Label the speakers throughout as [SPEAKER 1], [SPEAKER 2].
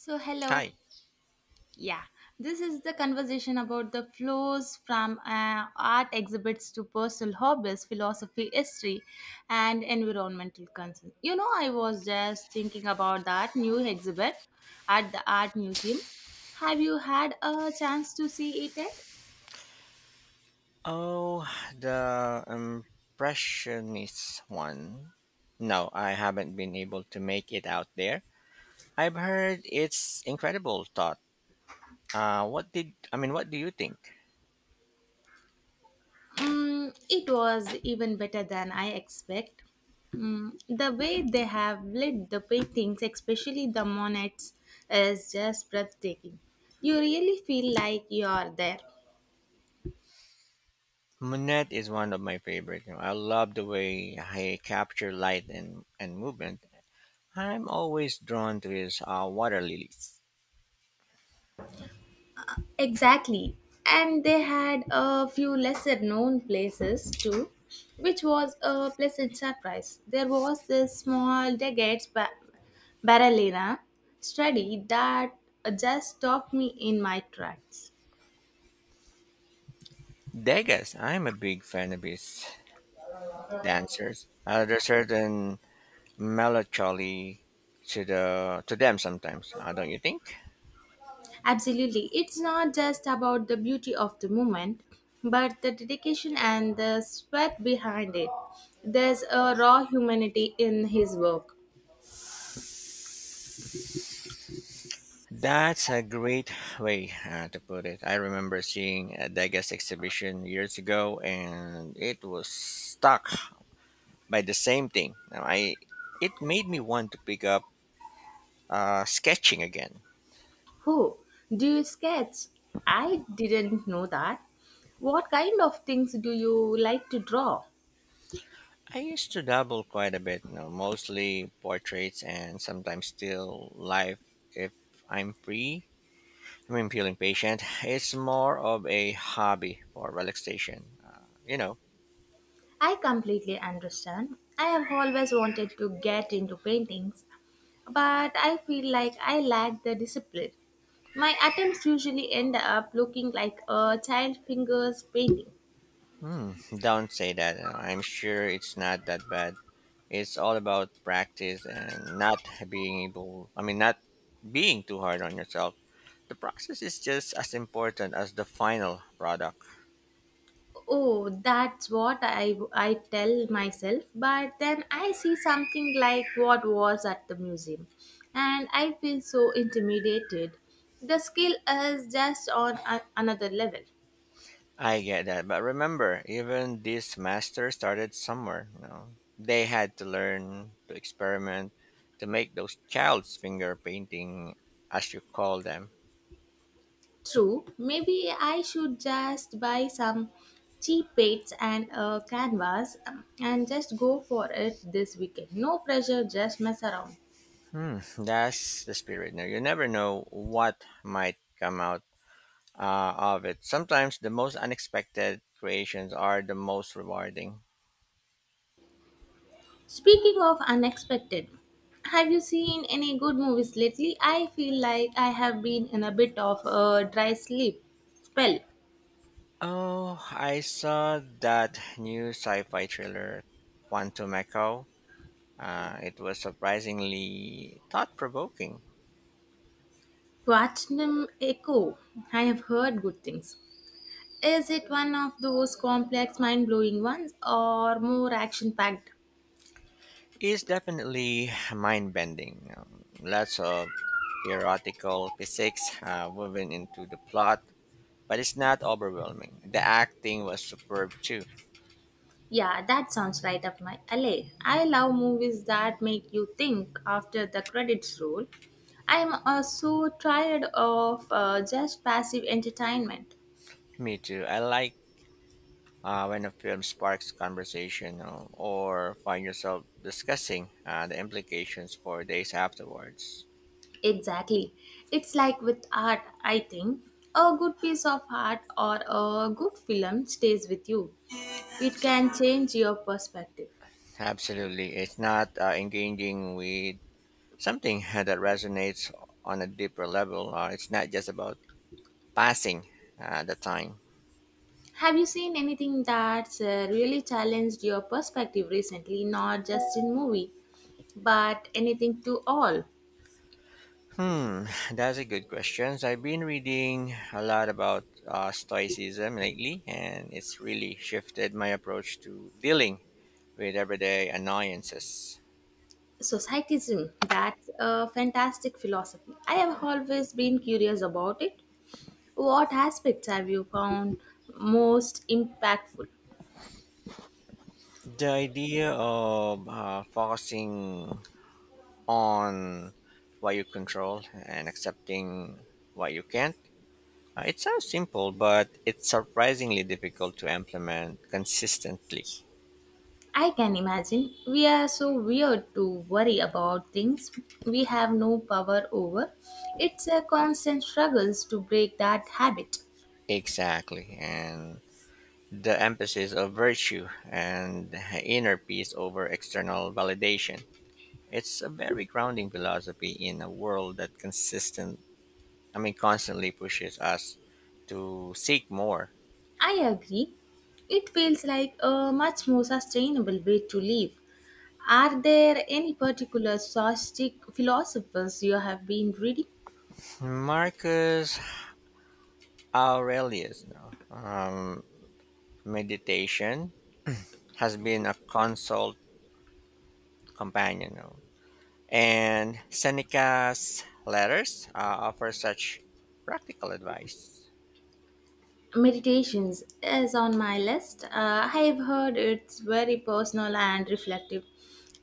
[SPEAKER 1] So, hello.
[SPEAKER 2] Hi.
[SPEAKER 1] Yeah, this is the conversation about the flows from art exhibits to personal hobbies, philosophy, history, and environmental concerns. You know, I was just thinking about that new exhibit at the art museum. Have you had a chance to see it yet?
[SPEAKER 2] Oh, the Impressionist one. No, I haven't been able to make it out there. I've heard it's incredible thought. What did I mean? What do you think?
[SPEAKER 1] Mm, it was even better than I expect. Mm, the way they have lit the paintings, especially the Monets, is just breathtaking. You really feel like you are there.
[SPEAKER 2] Monet is one of my favorite. You know, I love the way he capture light and movement. I'm always drawn to his water lilies.
[SPEAKER 1] Exactly. And they had a few lesser known places too, which was a pleasant surprise. There was this small Baralena study that just stopped me in my tracks.
[SPEAKER 2] Degas, I'm a big fan of his dancers. There are certain melancholy to them sometimes, don't you think?
[SPEAKER 1] Absolutely. It's not just about the beauty of the moment, but the dedication and the sweat behind it. There's a raw humanity in his work.
[SPEAKER 2] That's a great way to put it. I remember seeing a Degas exhibition years ago and it was stuck by the same thing. Now I It made me want to pick up sketching again.
[SPEAKER 1] Who? Do you sketch? I didn't know that. What kind of things do you like to draw?
[SPEAKER 2] I used to dabble quite a bit, you know, mostly portraits and sometimes still life if I'm free. When peeling patient, it's more of a hobby for relaxation.
[SPEAKER 1] I completely understand. I have always wanted to get into paintings, but I feel like I lack the discipline. My attempts usually end up looking like a child fingers painting.
[SPEAKER 2] Hmm, don't say that. I'm sure it's not that bad. It's all about practice and not being able, I mean, not being too hard on yourself. The process is just as important as the final product.
[SPEAKER 1] Oh, that's what I tell myself, but then I see something like what was at the museum, and I feel so intimidated. The skill is just on another level.
[SPEAKER 2] I get that, but remember, even this master started somewhere. You know, they had to learn to experiment to make those child's finger painting, as you call them.
[SPEAKER 1] True, maybe I should just buy some cheap paints and a canvas and just go for it this weekend. No pressure, just mess around.
[SPEAKER 2] Hmm, that's the spirit. Now, you never know what might come out of it. Sometimes the most unexpected creations are the most rewarding.
[SPEAKER 1] Speaking of unexpected, have you seen any good movies lately? I feel like I have been in a bit of a dry sleep spell.
[SPEAKER 2] Oh, I saw that new sci fi thriller, Quantum Echo. It was surprisingly thought provoking.
[SPEAKER 1] Platinum Echo. I have heard good things. Is it one of those complex, mind blowing ones or more action packed?
[SPEAKER 2] It's definitely mind bending. Lots of theoretical physics woven into the plot, but it's not overwhelming. The acting was superb too.
[SPEAKER 1] Yeah, that sounds right up my alley. I love movies that make you think after the credits roll. I'm so tired of just passive entertainment.
[SPEAKER 2] Me too. I like when a film sparks conversation, or find yourself discussing the implications for days afterwards.
[SPEAKER 1] Exactly. It's like with art, I think. A good piece of art or a good film stays with you. It can change your perspective.
[SPEAKER 2] Absolutely. It's not engaging with something that resonates on a deeper level. It's not just about passing the time.
[SPEAKER 1] Have you seen anything that's really challenged your perspective recently, not just in movie, but anything to all?
[SPEAKER 2] Hmm, that's a good question. So I've been reading a lot about Stoicism lately, and it's really shifted my approach to dealing with everyday annoyances.
[SPEAKER 1] Societism, that's a fantastic philosophy. I have always been curious about it. What aspects have you found most impactful?
[SPEAKER 2] The idea of focusing on what you control and accepting what you can't. It sounds simple but it's surprisingly difficult to implement consistently.
[SPEAKER 1] I can imagine we are so weird to worry about things we have no power over. It's a constant struggle to break that habit.
[SPEAKER 2] Exactly, and the emphasis of virtue and inner peace over external validation. It's a very grounding philosophy in a world that consistent I mean constantly pushes us to seek more.
[SPEAKER 1] I agree. It feels like a much more sustainable way to live. Are there any particular socialistic philosophers you have been reading?
[SPEAKER 2] Marcus, Aurelius, you know. Meditation has been a consult companion, you know, and Seneca's letters offer such practical advice.
[SPEAKER 1] Meditations is on my list. I've heard it's very personal and reflective.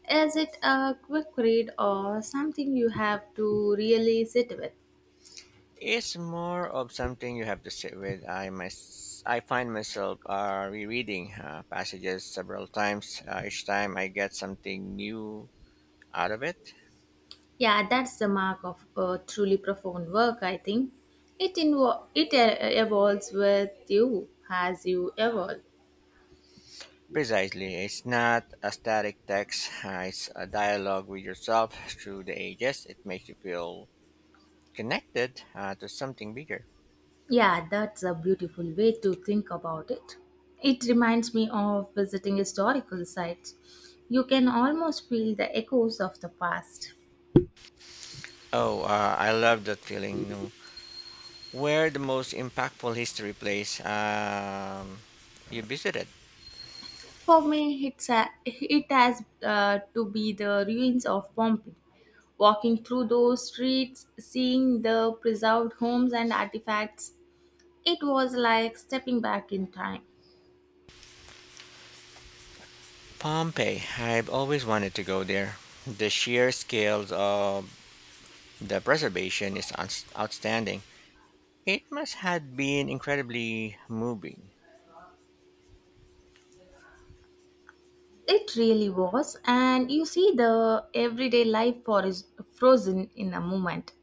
[SPEAKER 1] Is it a quick read or something you have to really sit with?
[SPEAKER 2] It's more of something you have to sit with. I find myself rereading passages several times. Each time I get something new out of it.
[SPEAKER 1] Yeah, that's the mark of a truly profound work, I think. It evolves with you as you evolve.
[SPEAKER 2] Precisely. It's not a static text, it's a dialogue with yourself through the ages. It makes you feel connected to something bigger.
[SPEAKER 1] Yeah, that's a beautiful way to think about it. It reminds me of visiting historical sites. You can almost feel the echoes of the past.
[SPEAKER 2] Oh, I love that feeling. No? Where the most impactful history place, you visited?
[SPEAKER 1] For me, it has to be the ruins of Pompeii. Walking through those streets, seeing the preserved homes and artifacts, it was like stepping back in time.
[SPEAKER 2] Pompeii. I've always wanted to go there. The sheer scales of the preservation is outstanding. It must have been incredibly moving.
[SPEAKER 1] It really was, and you see the everyday life for is frozen in a moment.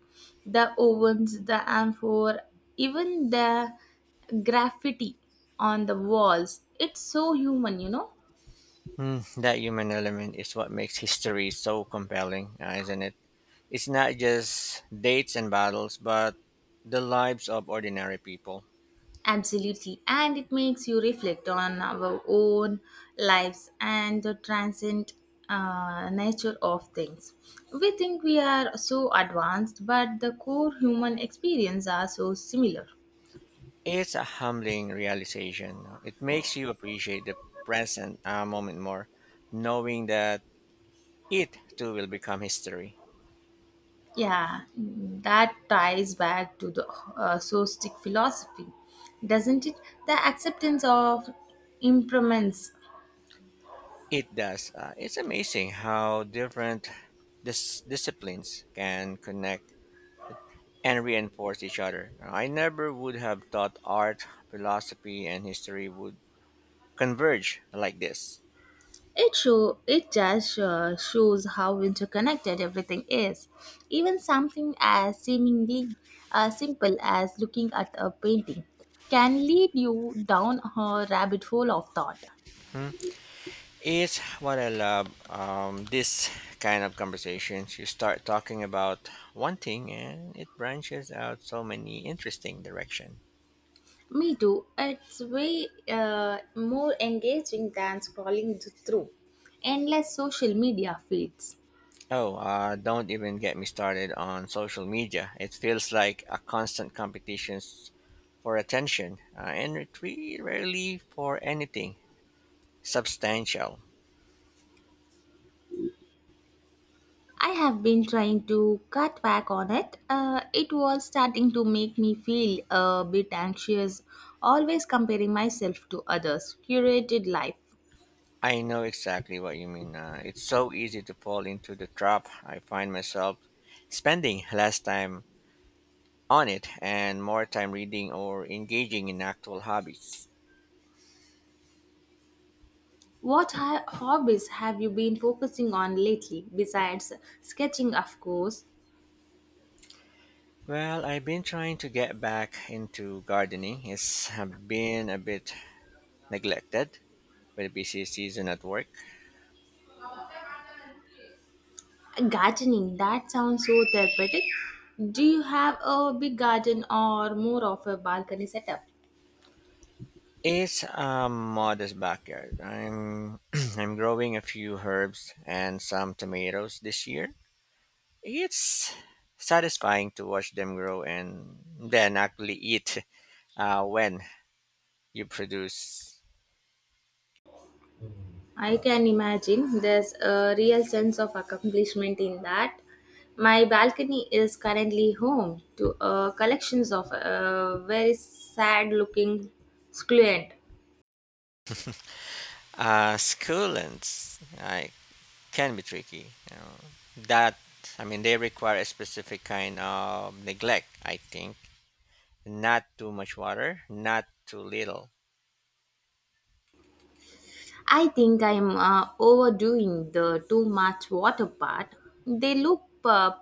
[SPEAKER 1] The ovens, the amphor, even the graffiti on the walls. It's so human, you know.
[SPEAKER 2] Mm, that human element is what makes history so compelling, isn't it? It's not just dates and battles, but the lives of ordinary people.
[SPEAKER 1] Absolutely. And it makes you reflect on our own lives and the transient nature of things. We think we are so advanced, but the core human experience are so similar.
[SPEAKER 2] It's a humbling realization. It makes you appreciate the present moment more, knowing that it too will become history.
[SPEAKER 1] Yeah, that ties back to the Stoic philosophy, doesn't it? The acceptance of impermanence.
[SPEAKER 2] It does. It's amazing how different disciplines can connect and reinforce each other. I never would have thought art, philosophy, and history would converge like this.
[SPEAKER 1] It just shows how interconnected everything is. Even something as seemingly simple as looking at a painting can lead you down a rabbit hole of thought.
[SPEAKER 2] Hmm, is what I love. This kind of conversations, you start talking about one thing and it branches out so many interesting direction.
[SPEAKER 1] Me too. It's way more engaging than scrolling through endless social media feeds.
[SPEAKER 2] Oh, don't even get me started on social media. It feels like a constant competition for attention, and it rarely for anything substantial.
[SPEAKER 1] I have been trying to cut back on it. It was starting to make me feel a bit anxious, always comparing myself to others. Curated life.
[SPEAKER 2] I know exactly what you mean. It's so easy to fall into the trap. I find myself spending last time on it and more time reading or engaging in actual hobbies.
[SPEAKER 1] What hobbies have you been focusing on lately, besides sketching, of course?
[SPEAKER 2] Well, I've been trying to get back into gardening. It's been a bit neglected with a busy season at work.
[SPEAKER 1] Gardening, that sounds so therapeutic. Do you have a big garden or more of a balcony setup?
[SPEAKER 2] It's a modest backyard. I'm I'm growing a few herbs and some tomatoes this year. It's satisfying to watch them grow and then actually eat when you produce.
[SPEAKER 1] I can imagine there's a real sense of accomplishment in that. My balcony is currently home to collections of very sad looking squilent.
[SPEAKER 2] Succulents. I can be tricky. You know. That I mean, they require a specific kind of neglect. I think not too much water, not too little.
[SPEAKER 1] I think I'm overdoing the too much water part. They look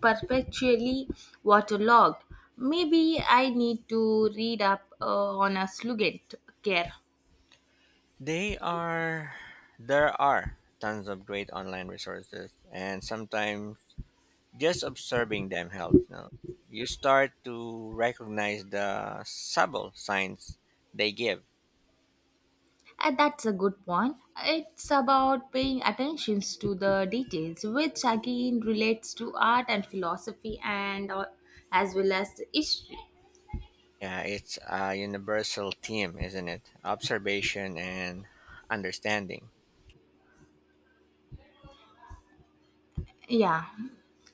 [SPEAKER 1] perpetually waterlogged. Maybe I need to read up on a slugent care.
[SPEAKER 2] They are There are tons of great online resources, and sometimes just observing them helps. You know, you start to recognize the subtle signs they give.
[SPEAKER 1] That's a good point. It's about paying attention to the details, which again relates to art and philosophy, and as well as history.
[SPEAKER 2] Yeah, it's a universal theme, isn't it? Observation and understanding.
[SPEAKER 1] Yeah,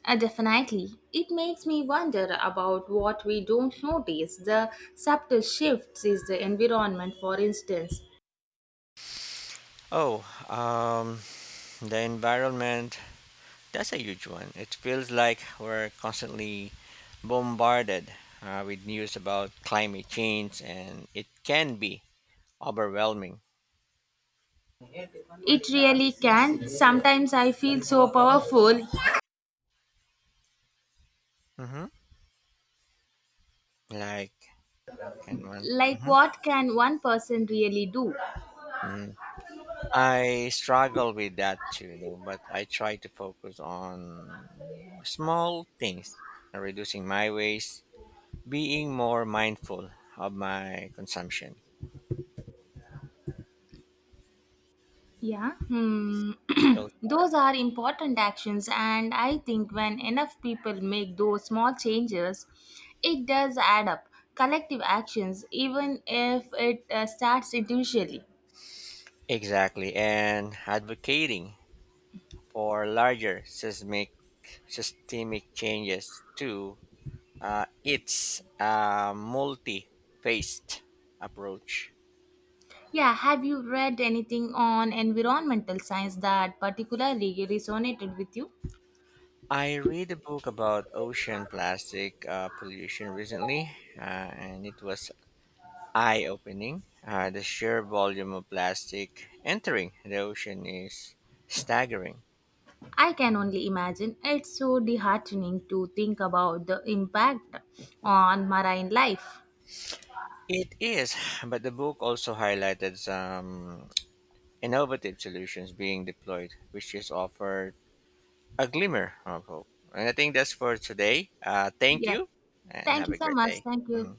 [SPEAKER 1] definitely. It makes me wonder about what we don't notice. The subtle shifts is the environment, for instance.
[SPEAKER 2] Oh, the environment, that's a huge one. It feels like we're constantly bombarded with news about climate change, and it can be overwhelming.
[SPEAKER 1] It really can. Sometimes I feel so powerful.
[SPEAKER 2] Hmm. Like, and one.
[SPEAKER 1] Like,
[SPEAKER 2] Hmm.
[SPEAKER 1] what can one person really do?
[SPEAKER 2] Hmm. I struggle with that too, you know, but I try to focus on small things and reducing my waste, being more mindful of my consumption.
[SPEAKER 1] Yeah, hmm.
[SPEAKER 2] Those are
[SPEAKER 1] Those are important actions, and I think when enough people make those small changes, it does add up. Collective actions, even if it starts individually.
[SPEAKER 2] Exactly, and advocating for larger seismic systemic changes to, its multi-faced approach.
[SPEAKER 1] Yeah, have you read anything on environmental science that particularly resonated with you?
[SPEAKER 2] I read a book about ocean plastic pollution recently, uh, and it was eye-opening. The sheer volume of plastic entering the ocean is staggering.
[SPEAKER 1] I can only imagine it's so disheartening to think about the impact on marine life.
[SPEAKER 2] It is, but the book also highlighted some innovative solutions being deployed, which is offer a glimmer of hope. And I think that's for today. Thank
[SPEAKER 1] Yeah,
[SPEAKER 2] you and
[SPEAKER 1] thank
[SPEAKER 2] have
[SPEAKER 1] you
[SPEAKER 2] a
[SPEAKER 1] so
[SPEAKER 2] great
[SPEAKER 1] much.
[SPEAKER 2] day.
[SPEAKER 1] Thank you.
[SPEAKER 2] Mhm.